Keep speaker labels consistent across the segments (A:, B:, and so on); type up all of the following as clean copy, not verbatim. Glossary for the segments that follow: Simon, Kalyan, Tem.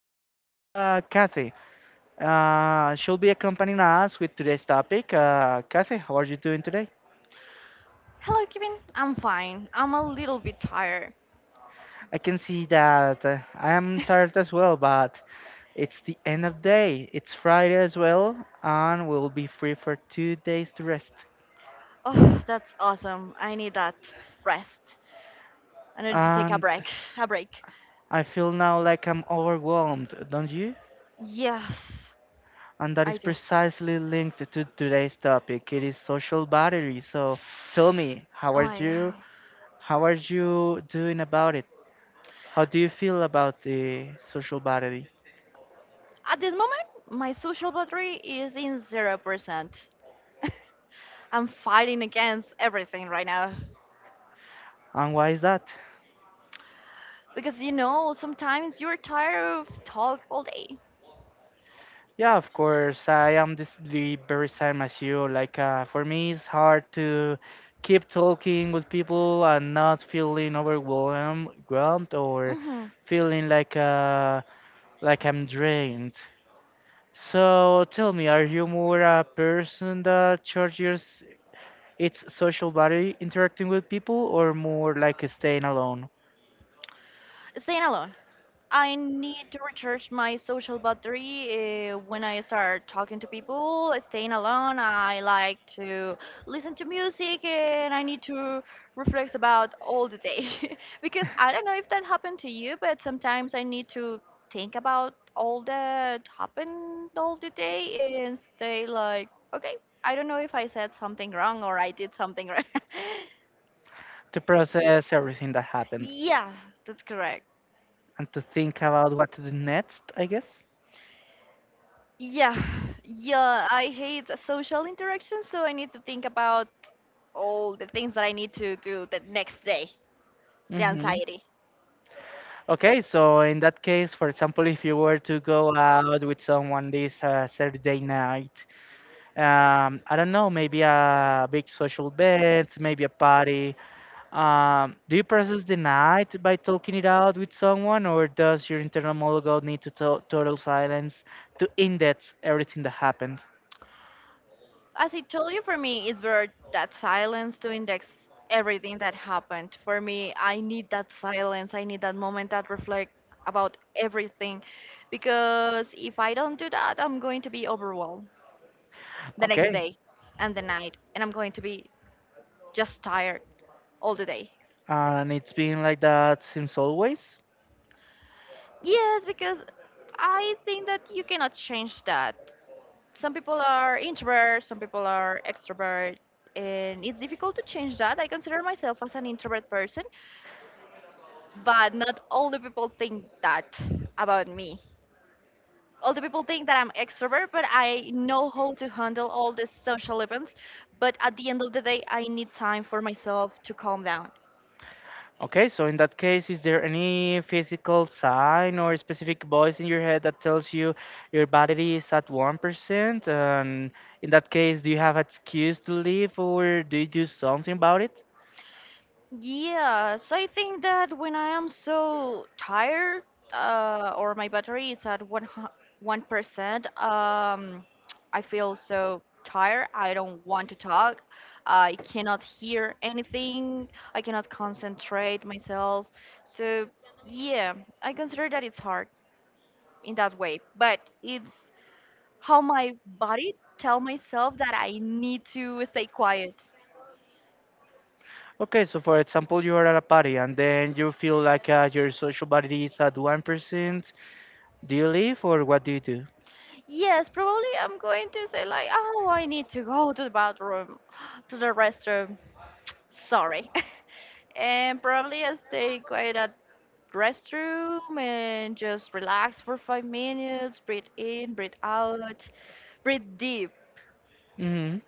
A: be here with Kathy. She'll be accompanying us with today's topic. Kathy, how are you doing today?
B: Hello, Kevin. I'm fine. I'm a little bit tired.
A: I can see that I am tired as well, but it's the end of day. It's Friday as well, and we'll be free for 2 days to rest.
B: Oh, that's awesome. I need that rest. I need to take a
A: And
B: break. A break.
A: I feel now like I'm overwhelmed, don't you?
B: Yes,
A: And that
B: I
A: is
B: do.
A: precisely linked to today's topic. It is social battery. So tell me, how
B: Oh
A: are
B: my
A: you?
B: god.
A: How are you doing about it? How do you feel about the social battery?
B: At this moment, my social battery is in 0%. I'm fighting against everything right now.
A: And why is that?
B: Because you know, sometimes you're tired of talk all day.
A: Yeah, of course, I am this the very same as you. Like, for me, it's hard to keep talking with people and not feeling overwhelmed or
B: Hmm
A: feeling like I'm drained. So tell me, are you more a person that charges its social battery interacting with people, or more like staying alone?
B: Staying alone. I need to recharge my social battery when I start talking to people, staying alone. I like to listen to music and I need to reflect about all the day. Because I don't know if that happened to you, but sometimes I need to think about all that happened all the day and stay like, okay, I don't know if I said something wrong or I did something right.
A: To process everything that happened,
B: Yeah, that's correct.
A: and to think about what to do next, I guess.
B: Yeah, yeah, I hate social interaction, so I need to think about all the things that I need to do the next day, the
A: Hmm.
B: anxiety.
A: Okay, so in that case, for example, if you were to go out with someone this Saturday night, I don't know, maybe a big social event, maybe a party. Do you process the night by talking it out with someone, or does your internal monologue need to total silence to index everything that happened?
B: As I told you, for me, it's better that silence to index everything that happened. For me, I need that silence, I need that moment that reflect about everything, because if I don't do that, I'm going to be overwhelmed the next
A: Okay,
B: day and the night, and I'm going to be just tired all the day.
A: and it's been like that since always.
B: Yes, because I think that you cannot change that. Some people are introvert, some people are extrovert, and it's difficult to change that. I consider myself as an introvert person, but not all the people think that about me. All the people think that I'm extrovert, but I know how to handle all the social events. But at the end of the day, I need time for myself to calm down.
A: Okay, so in that case, is there any physical sign or specific voice in your head that tells you your battery is at 1%? And in that case, do you have an excuse to leave or do you do something about it?
B: Yes, I think that when I am so tired, or my battery is at one percent, I feel so tired. I don't want to talk. I cannot hear anything. I cannot concentrate myself. So yeah, I consider that it's hard in that way. But it's how my body tell myself that I need to stay quiet.
A: Okay, so for example, you are at a party and then you feel like your social battery is at 1%. Do you leave or what do you do?
B: Yes, probably I'm going to say like, oh, I need to go to the bathroom, to the restroom. Sorry. And probably I stay quiet at restroom and just relax for 5 minutes, breathe in, breathe out, breathe deep.
A: Hmm.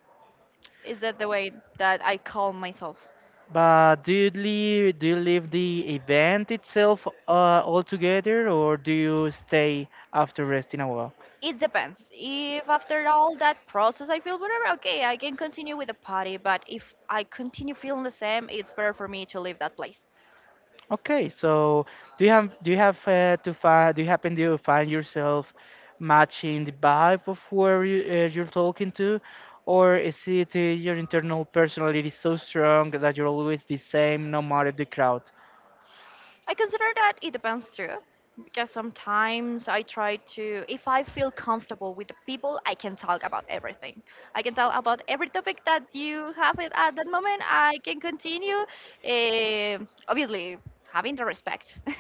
B: Is that the way that I calm myself?
A: But do you leave the event itself altogether, or do you stay after resting a while?
B: It depends. If after all that process I feel whatever, okay, I can continue with the party. But if I continue feeling the same, it's better for me to leave that place.
A: Okay, so do you have to find do you happen to find yourself matching the vibe of where you, you're talking to, or is it your internal personality so strong that you're always the same no matter the crowd?
B: I consider that it depends too, because sometimes I try to, if I feel comfortable with the people, I can talk about everything. I can talk about every topic that you have it at that moment. I can continue, eh, obviously having the respect.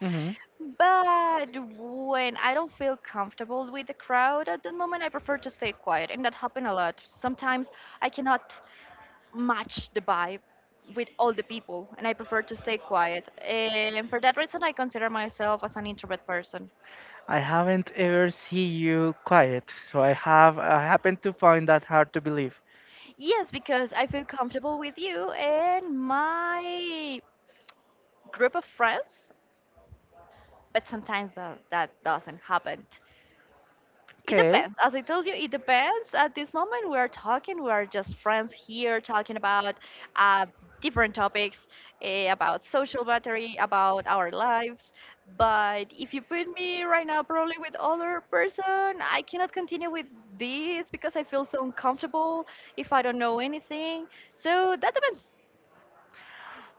A: Hmm.
B: But when I don't feel comfortable with the crowd at the moment, I prefer to stay quiet, and that happened a lot. Sometimes I cannot match the vibe with all the people and I prefer to stay quiet. And for that reason I consider myself as an introvert person.
A: I haven't ever seen you quiet, so I happen to find that hard to believe.
B: Yes, because I feel comfortable with you and my group of friends, but sometimes that doesn't happen. It
A: Okay,
B: depends. As I told you, it depends. At this moment, we are talking. We are just friends here talking about uh, different topics about social battery, about our lives. But if you put me right now, probably with other person, I cannot continue with this because I feel so uncomfortable if I don't know anything. So that depends.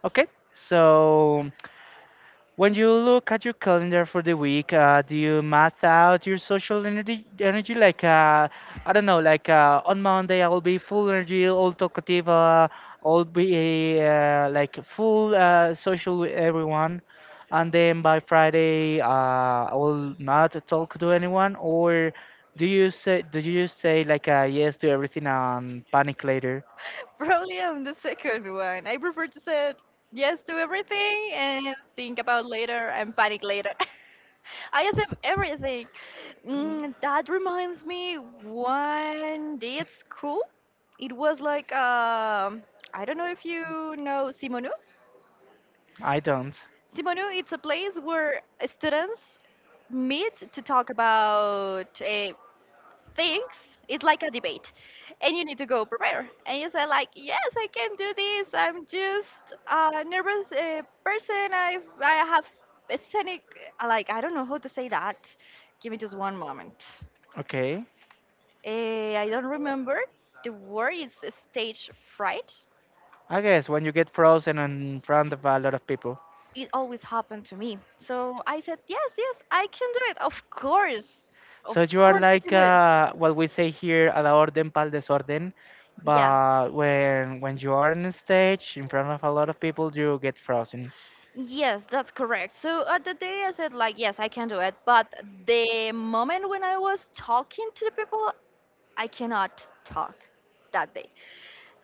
A: okay, so. When you look at your calendar for the week, do you math out your social energy? Energy like I don't know, like on Monday I will be full energy, all talkative, all be like full social with everyone, and then by Friday I will not talk to anyone. Or do you say like yes to everything and panic later?
B: Probably on the second one. I prefer to say yes to everything and think about later and panic later. I accept everything. Mm, that reminds me, one day at school, it was like I don't know if you know Simonu.
A: I don't.
B: Simonu, it's a place where students meet to talk about things, it's like a debate and you need to go prepare and you say like yes, I can do this, I'm just a nervous person, I have a scenic, like I don't know how to say that, give me just one moment.
A: Okay.
B: I don't remember, the word is stage fright.
A: I guess when you get frozen in front of a lot of people.
B: It always happened to me, so I said yes, yes, I can do it, of course, of
A: So you are
B: course I
A: like
B: can do it.
A: what we say here, a la orden pal desorden.
B: Yeah.
A: But when you are on stage in front of a lot of people, you get frozen.
B: Yes, that's correct. So at the day I said like yes, I can do it, but the moment when I was talking to the people, I cannot talk that day.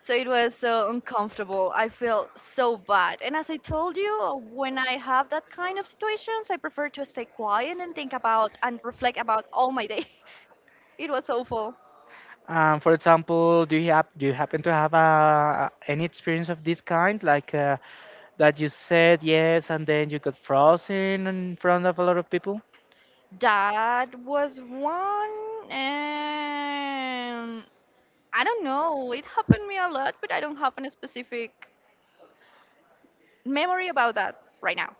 B: So it was so uncomfortable. I felt so bad. And as I told you, when I have that kind of situations, I prefer to stay quiet and think about and reflect about all my day. It was awful.
A: For example, do you happen to have any experience of this kind, like that you said yes and then you got frozen in front of a lot of people,
B: That was one, and I don't know. It happened me a lot, but I don't have any specific memory about that right now.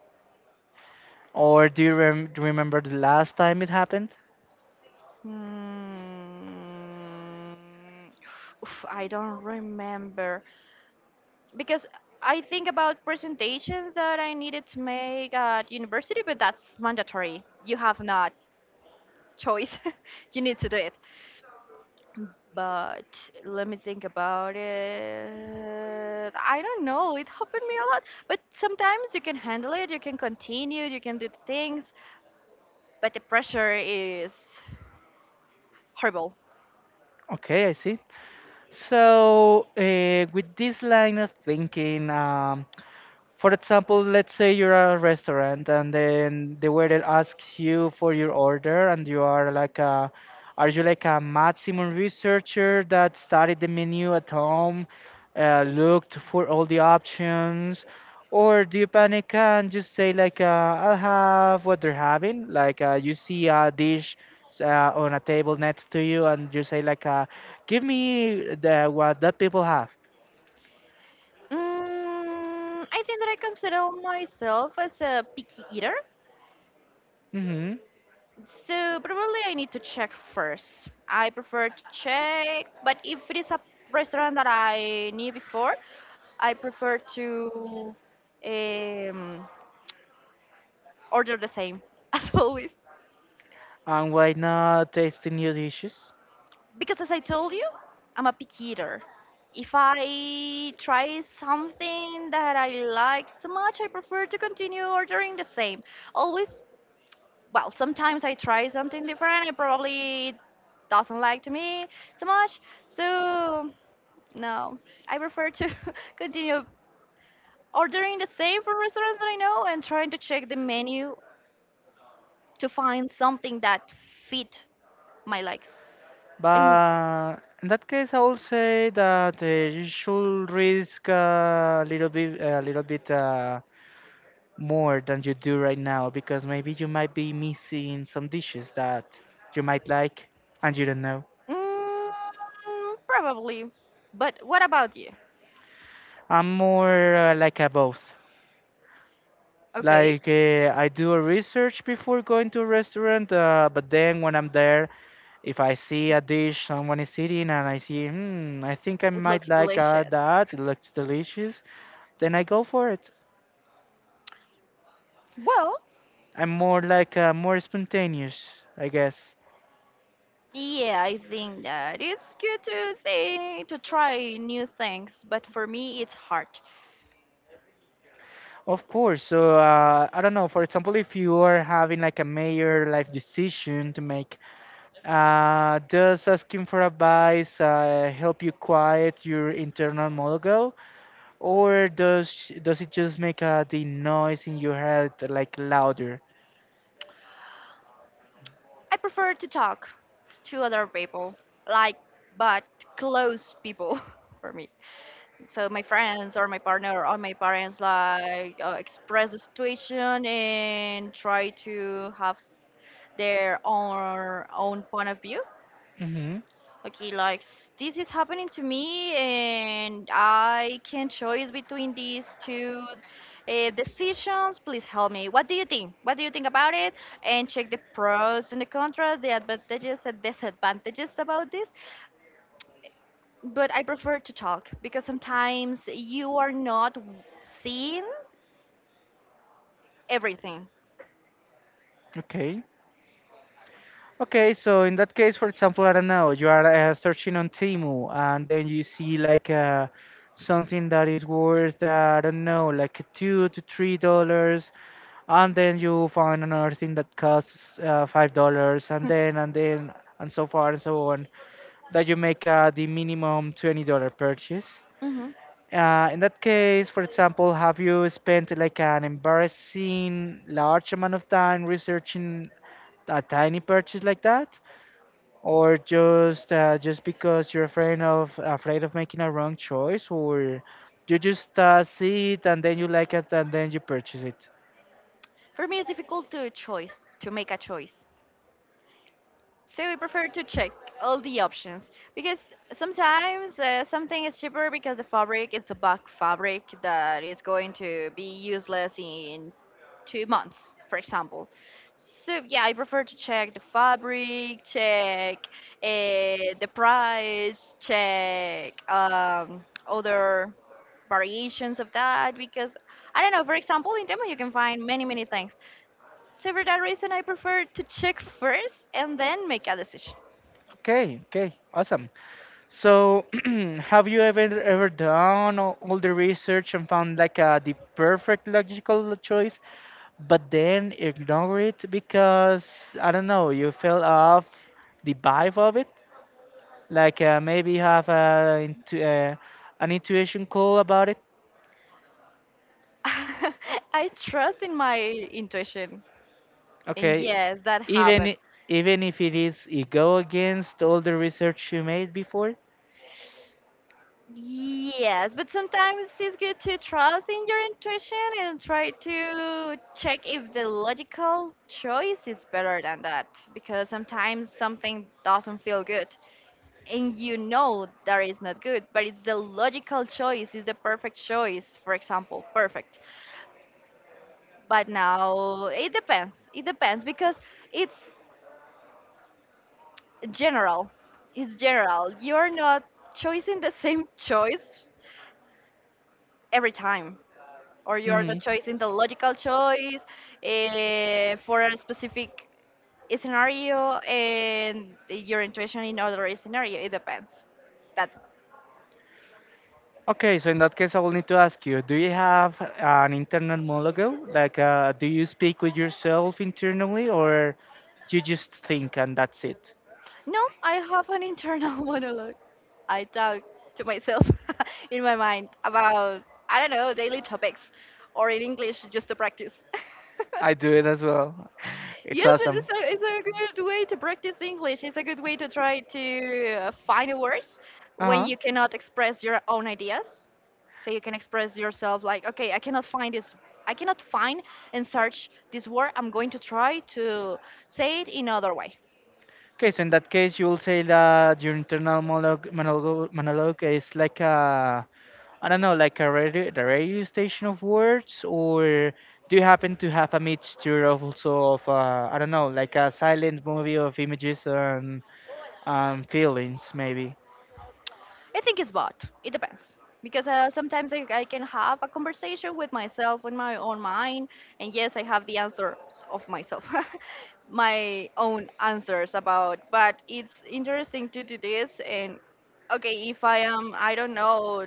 A: or do you remember the last time it happened?
B: Mm, oof, I don't remember because I think about presentations that I needed to make at university, but that's mandatory. You have not choice. You need to do it. But let me think about it. I don't know. It happened me a lot. But sometimes you can handle it. You can continue. You can do the things. But the pressure is horrible.
A: Okay, I see. So with this line of thinking. For example, let's say you're at a restaurant and then the waiter asks you for your order, and you are like a are you like a maximum researcher that studied the menu at home, looked for all the options, or do you panic and just say like I'll have what they're having? Like you see a dish uh, on a table next to you and you say like give me the what that people have.
B: Mm, I think that I consider myself as a picky eater,
A: Hmm.
B: so probably I need to check first. I prefer to check, but if it is a restaurant that I knew before, I prefer to um, order the same as always.
A: And why not tasting new dishes?
B: Because as I told you, I'm a picky eater. If I try something that I like so much, I prefer to continue ordering the same. Always, well, sometimes I try something different. It probably doesn't like to me so much. So no, I prefer to continue ordering the same from restaurants that I know and trying to check the menu to find something that fit my likes. And
A: But in that case, I will say that you should risk a little bit, more than you do right now, because maybe you might be missing some dishes that you might like and you don't know.
B: mm, probably. But what about you?
A: I'm more like a both.
B: Okay,
A: Like I do a research before going to a restaurant, but then when I'm there, if I see a dish someone is eating and I see, hmm, I think I
B: it
A: might
B: looks
A: like
B: delicious.
A: that, it looks delicious, then I go for it.
B: Well,
A: I'm more like more spontaneous, I guess.
B: yeah, I think that it's good to think to try new things, but for me it's hard.
A: Of course. So I don't know. For example, if you are having like a major life decision to make, does asking for advice help you quiet your internal monologue, or does it just make the noise in your head like louder?
B: I prefer to talk to other people, like, but close people for me. So my friends or my partner or my parents, like, express the situation and try to have their own point of view.
A: Mm-hmm.
B: Okay, like this is happening to me, and I can choose between these two decisions. Please help me. What do you think? What do you think about it? And check the pros and the cons, the advantages and disadvantages about this. But I prefer to talk because sometimes you are not seeing everything.
A: Okay. Okay, so in that case, for example, I don't know, you are searching on Temu and then you see like something that is worth, I don't know, like $2 to $3, and then you find another thing that costs $5, and then and so far and so on, that you make the minimum $20 purchase.
B: Hmm
A: In that case, for example, have you spent like an embarrassing large amount of time researching a tiny purchase like that? Or just because you're afraid of making a wrong choice, or you just see it and then you like it and then you purchase it?
B: For me, it's difficult to choice to make a choice. So we prefer to check all the options because sometimes something is cheaper because the fabric is a bulk fabric that is going to be useless in 2 months, for example. So yeah, I prefer to check the fabric, check uh, the price, check other variations of that because I don't know. For example, in Temu you can find many many things. So for that reason, I prefer to check first and then make a decision.
A: Okay, okay, awesome. So have you ever done all the research and found like the perfect logical choice, but then ignore it because, I don't know, you fell off the vibe of it, like maybe have a, an intuition call about it?
B: I trust in my intuition, and
A: Okay,
B: yes, that
A: even
B: happened.
A: i- even if it is it go against all the research you made before.
B: Yes, but sometimes it's good to trust in your intuition and try to check if the logical choice is better than that because sometimes something doesn't feel good and you know that is not good, but it's the logical choice, it's the perfect choice, for example, perfect. But now it depends. It depends because it's general. It's general. You're not choosing the same choice every time, or you're not choosing the logical choice for a specific scenario and your intuition in other scenario. It depends. That.
A: Okay, so in that case, I will need to ask you: do you have an internal monologue? Like, do you speak with yourself internally, or you just think and that's it?
B: No, I have an internal monologue. I talk to myself in my mind about, I don't know, daily topics, or in English, just to practice.
A: I do it as well. It's
B: Yes, but
A: awesome.
B: it's a good way to practice English. It's a good way to try to find the words when
A: Uh
B: you cannot express your own
A: huh.
B: ideas. So you can express yourself like, okay, I cannot find this. I cannot find and search this word. I'm going to try to say it in other way.
A: Okay, so in that case, you'll say that your internal monologue is like a, I don't know, like a radio, the radio station of words, or do you happen to have a mixture of also of, I don't know, like a silent movie of images and feelings, maybe?
B: I think it's both. It depends. Because sometimes I can have a conversation with myself in my own mind, and yes, I have the answers of myself, my own answers about. But it's interesting to do this, and okay, if I am, I don't know,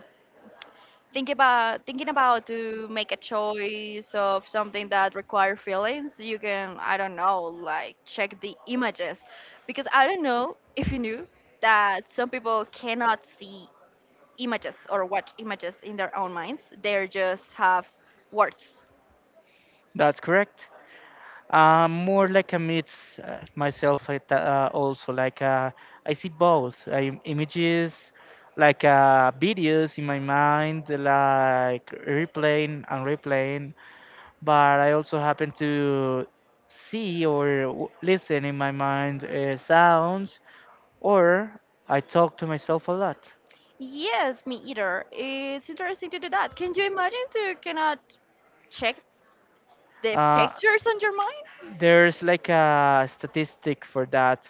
B: thinking about to make a choice of something that require feelings, you can, I don't know, like check the images, because I don't know if you knew that some people cannot see images or watch images in their own minds. They just have words.
A: That's correct? More like a mix also like I see both images like videos in my mind like replaying and replaying, but I also happen to see or listen in my mind sounds, or I talk to myself a lot.
B: Yes, me either. It's interesting to do that. Can you imagine to cannot check the
A: Uh,
B: pictures on your mind?
A: There's like a statistic for that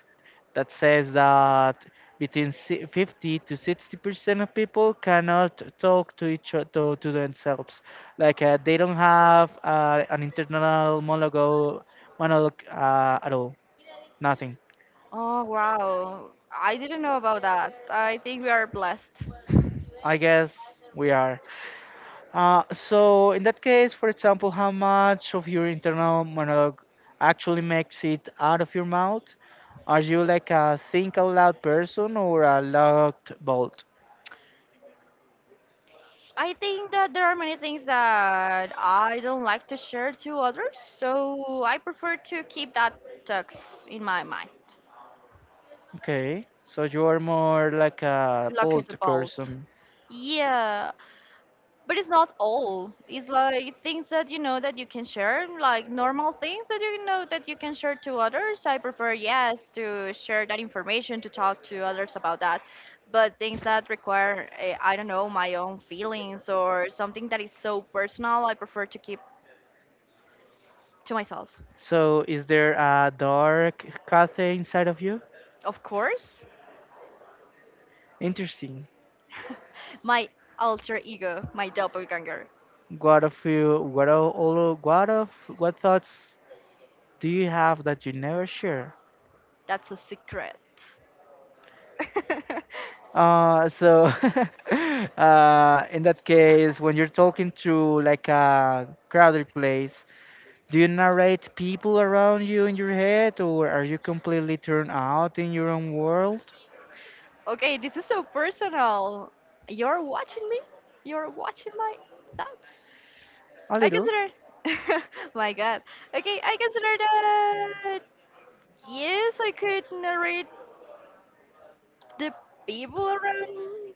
A: that says that between 50 to 60% of people cannot talk to each other to themselves. Like they don't have an internal monologue at all. Nothing.
B: Oh wow. I didn't know about that. I think we are blessed.
A: I guess we are. So in that case, for example, how much of your internal monologue actually makes it out of your mouth? Are you like a think out loud person or a locked bolt?
B: I think that there are many things that I don't like to share to others, so I prefer to keep that tux in my mind.
A: Okay, so you are more like a
B: Lock it
A: bolt
B: bolt.
A: person.
B: Yeah, but it's not all. It's like things that you know that you can share, like normal things that you know that you can share to others. I prefer, yes, to share that information, to talk to others about that. But things that require, I don't know, my own feelings or something that is so personal, I prefer to keep to myself.
A: So is there a dark cafe inside of you?
B: Of course,
A: Interesting.
B: my alter ego, my doppelganger.
A: What of you? What of all? What of what thoughts do you have that you never share?
B: That's a secret.
A: So, in that case, when you're talking to like a crowded place, do you narrate people around you in your head, or are you completely turned out in your own world?
B: Okay, this is so personal. You're watching me? You're watching my thoughts?
A: A
B: I
A: little.
B: consider. my god. Okay, I consider that. uh, Yes, I could narrate the people around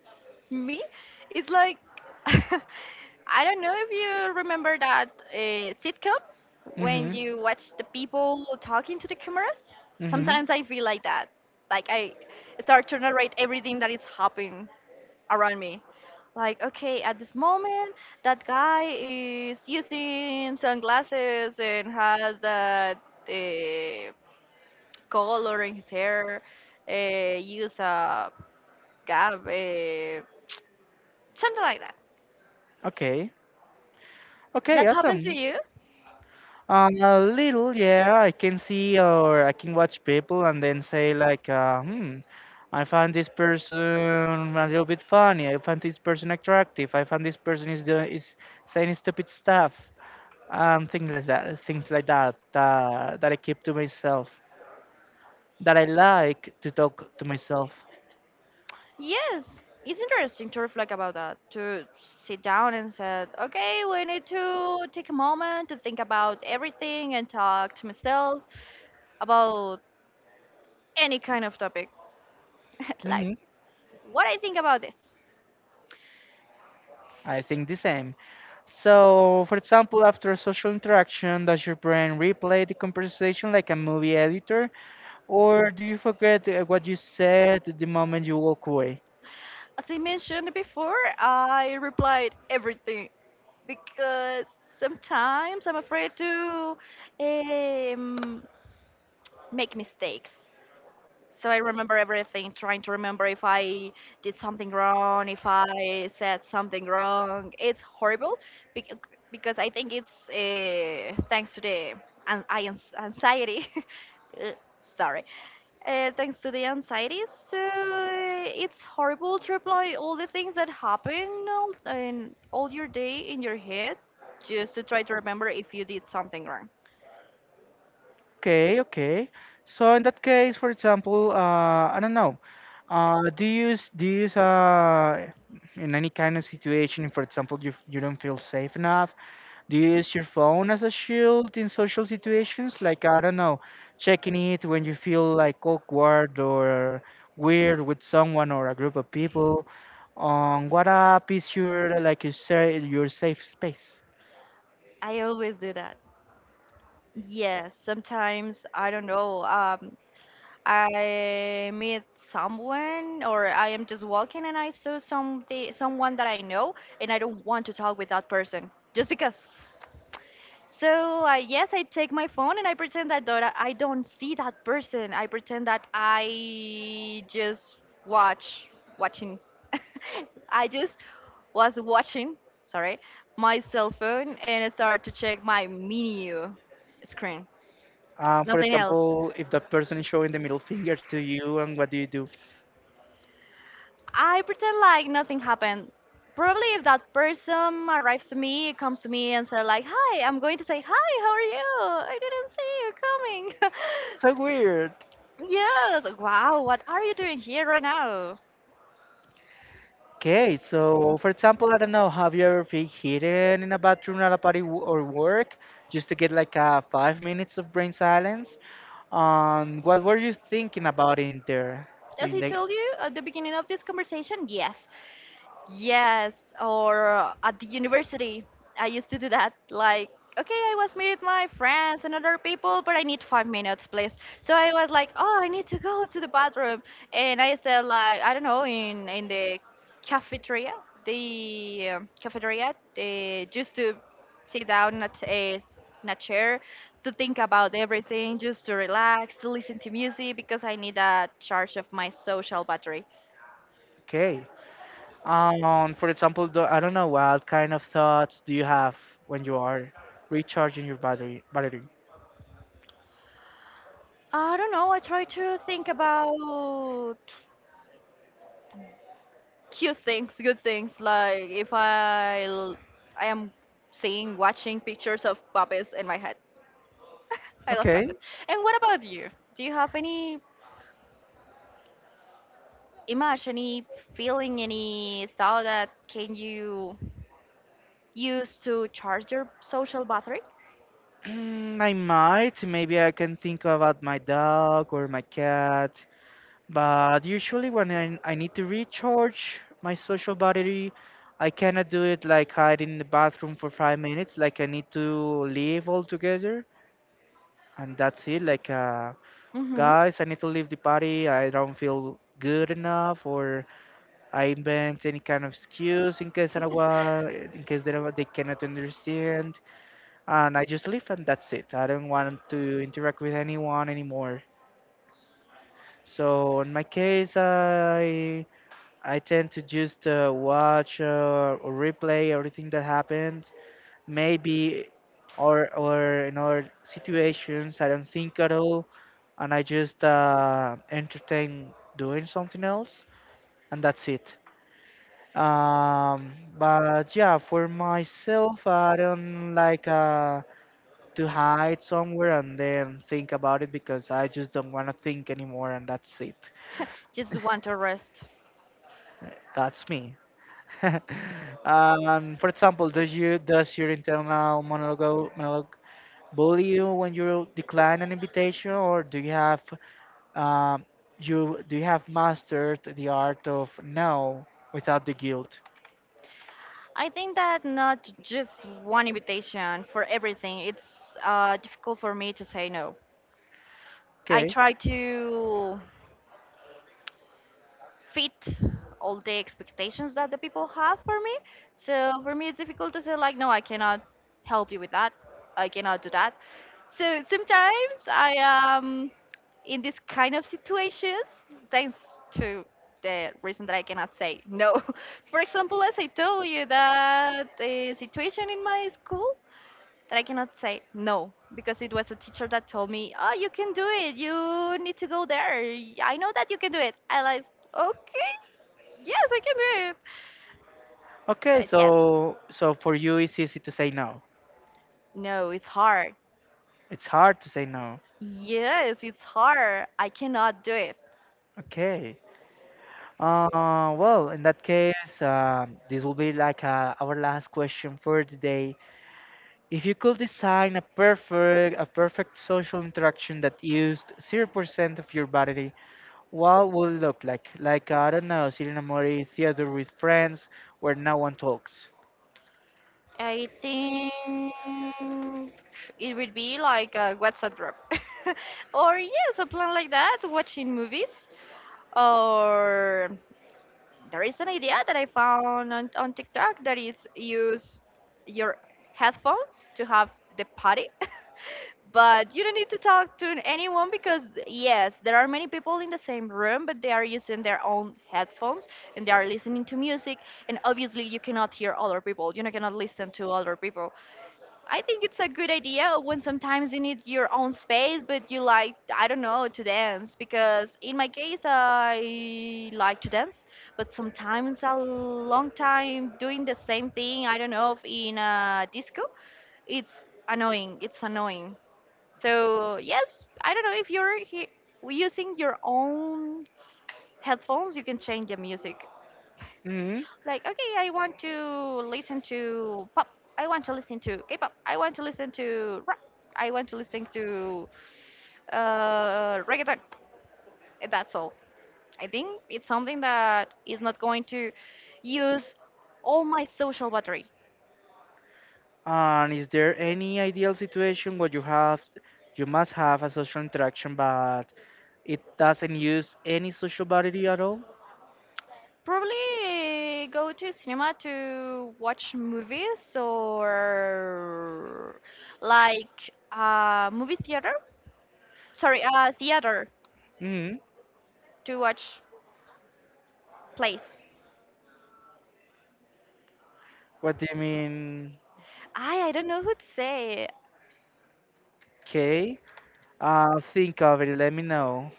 B: me. It's like, I don't know if you remember that sitcoms when
A: Mm-hmm.
B: you watch the people talking to the cameras.
A: Mm-hmm.
B: Sometimes I feel like that, like I start to narrate everything that is happening around me, like, okay, at this moment that guy is using sunglasses and has that uh, color in his hair, use a Garb, something like that.
A: Okay. Okay,
B: That happened to
A: awesome.
B: you?
A: A little, yeah. I can see or I can watch people and then say like, hmm, I find this person a little bit funny. I find this person attractive. I find this person is saying stupid stuff. Things like that. Things like that. That I keep to myself. That I like to talk to myself.
B: Yes, it's interesting to reflect about that, to sit down and said, okay, we need to take a moment to think about everything and talk to myself about any kind of topic, like what I think about this.
A: I think the same. So, for example, after a social interaction, does your brain replay the conversation like a movie editor, or do you forget what you said the moment you walk away?
B: As I mentioned before, I replied everything because sometimes I'm afraid to um, make mistakes. So I remember everything, trying to remember if I did something wrong, if I said something wrong. It's horrible bec- because I think it's thanks to the anxiety. Uh, Sorry. Thanks to the anxiety. So it's horrible to reply all the things that happen all, in all your day in your head just to try to remember if you did something wrong.
A: Okay, okay. So in that case, for example, I don't know. Do you use in any kind of situation, for example, you don't feel safe enough, do you use your phone as a shield in social situations? Like, I don't know, checking it when you feel like awkward or weird with someone or a group of people. On what app is your like you say your safe space?
B: I always do that. Yes, sometimes I don't know. I meet someone or I am just walking and I saw something, someone that I know, and I don't want to talk with that person just because. So yes, I take my phone and I pretend that I don't see that person. I pretend that I just watch watching. I just was watching, sorry, my cell phone and I started to check my menu screen.
A: For
B: Nothing else.
A: example, if the person is showing the middle finger to you, and what do you do?
B: I pretend like nothing happened. Probably if that person arrives to me, comes to me and say like, "Hi," I'm going to say, "Hi, how are you? I didn't see you
A: So weird.
B: coming." Yes. Wow. What are you doing here right now?
A: Okay, so for example, I don't know, have you ever been hidden in a bathroom at a party or work just to get like a 5 minutes of brain silence? What were you thinking about in there?
B: As
A: In
B: I
A: the
B: told you at the beginning of this conversation, yes. Yes, or at the university, I used to do that. Like, okay, I was with my friends and other people, but I need 5 minutes, please. So I was like, oh, I need to go to the bathroom, and I stayed like, I don't know, in cafeteria, the cafeteria, they just to sit down at a t- a- in a chair to think about everything, just to relax, to listen to music because I need a charge of my social battery.
A: okay, for example, do, I don't know, what kind of thoughts do you have when you are recharging your battery?
B: I don't know. I try to think about cute things, good things. Like if I I am seeing, watching pictures of puppets in my head. I love
A: Okay.
B: puppets. And what about you? Do you have any image, any feeling, any thought that can you use to charge your social battery?
A: Mm, I might. Maybe I can think about my dog or my cat. But usually when I need to recharge my social battery, I cannot do it like hiding in the bathroom for 5 minutes. Like I need to leave altogether, and that's it. Like,
B: Mm-hmm.
A: guys, I need to leave the party. I don't feel good enough, or I invent any kind of excuse in case I don't want, in case they cannot understand, and I just leave, and that's it. I don't want to interact with anyone anymore. So in my case, I tend to just watch or replay everything that happened. Maybe or in other situations, I don't think at all, and I just entertain doing something else, and that's it. Um, but yeah, for myself, I don't like to hide somewhere and then think about it, because I just don't want to think anymore, and that's it.
B: Just want to rest.
A: That's me. Um, for example, does your internal monologue bully you when you decline an invitation, or do you have um, you do you have mastered the art of no without the guilt?
B: I think that not just one invitation for everything. It's difficult for me to say no. I
A: Okay,
B: try to fit all the expectations that the people have for me. So for me, it's difficult to say like, no, I cannot help you with that. I cannot do that. So sometimes I am in this kind of situations thanks to the reason that I cannot say no. For example, as I told you that the situation in my school that I cannot say no because it was a teacher that told me, "Oh, you can do it. You need to go there. I know that you can do it." I like, "Okay, yes, I can do it."
A: okay.
B: But yes,
A: So so for you, it's easy to say no.
B: no, it's hard.
A: It's hard to say no.
B: Yes, it's hard. I cannot do it.
A: Okay. Well, in that case, this will be like our last question for today. If you could design a perfect social interaction that used 0% of your body, what would it look like? Like I don't know, sitting in a movie theater with friends where no one talks.
B: I think it would be like a WhatsApp group. Or yes, a plan like that, watching movies or. There is an idea that I found on TikTok that is use your headphones to have the party. But you don't need to talk to anyone because yes, there are many people in the same room, but they are using their own headphones and they are listening to music, and obviously you cannot hear other people, you know, cannot listen to other people. I think it's a good idea when sometimes you need your own space, but you like, I don't know, to dance. Because in my case, I like to dance, but sometimes a long time doing the same thing, I don't know, if in a disco, it's annoying. It's annoying. So, yes, I don't know if you're using your own headphones, you can change the music.
A: Hmm.
B: Like, okay, I want to listen to pop, I want to listen to k-pop, I want to listen to rap, I want to listen to reggaeton, and that's all. I think it's something that is not going to use all my social battery.
A: And is there any ideal situation where you must have a social interaction but it doesn't use any social body at all?
B: Probably go to cinema to watch movies or like movie theater, sorry, theater,
A: Hmm.
B: to watch plays.
A: What do you mean?
B: I don't know who'd say
A: Okay. Think of it. Let me know.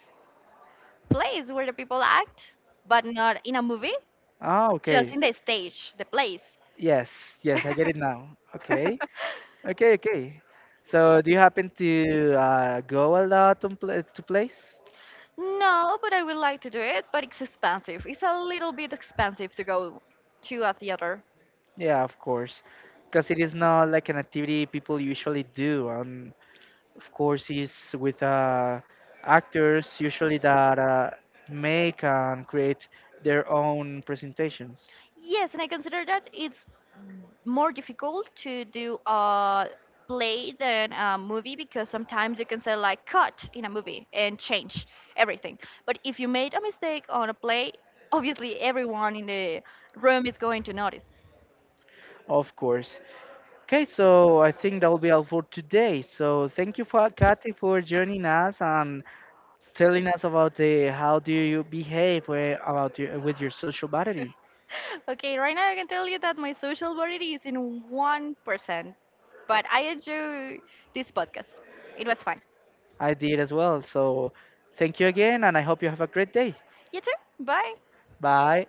B: plays where the people act, but not in a movie,
A: Ah,
B: just
A: okay.
B: in the stage, the place.
A: Yes, yes, I get it now. Okay, okay, okay. So, do you happen to go a lot on pla to place?
B: No, but I would like to do it, but it's expensive. It's a little bit expensive to go to a theater.
A: Yeah, of course, because it is not like an activity people usually do. Of course, it's with actors usually that make and create their own presentations.
B: Yes, and I consider that it's more difficult to do a play than a movie because sometimes you can say like cut in a movie and change everything. But if you made a mistake on a play, obviously everyone in the room is going to notice.
A: Of course. Okay, so I think that will be all for today. So, thank you for Kathy for joining us and telling us about the how do you behave where, about your, with your social battery.
B: Okay, right now I can tell you that my social variety is in 1%, but I enjoy this podcast. It was fun.
A: I did as well. So thank you again, and I hope you have a great day.
B: You too. Bye.
A: Bye.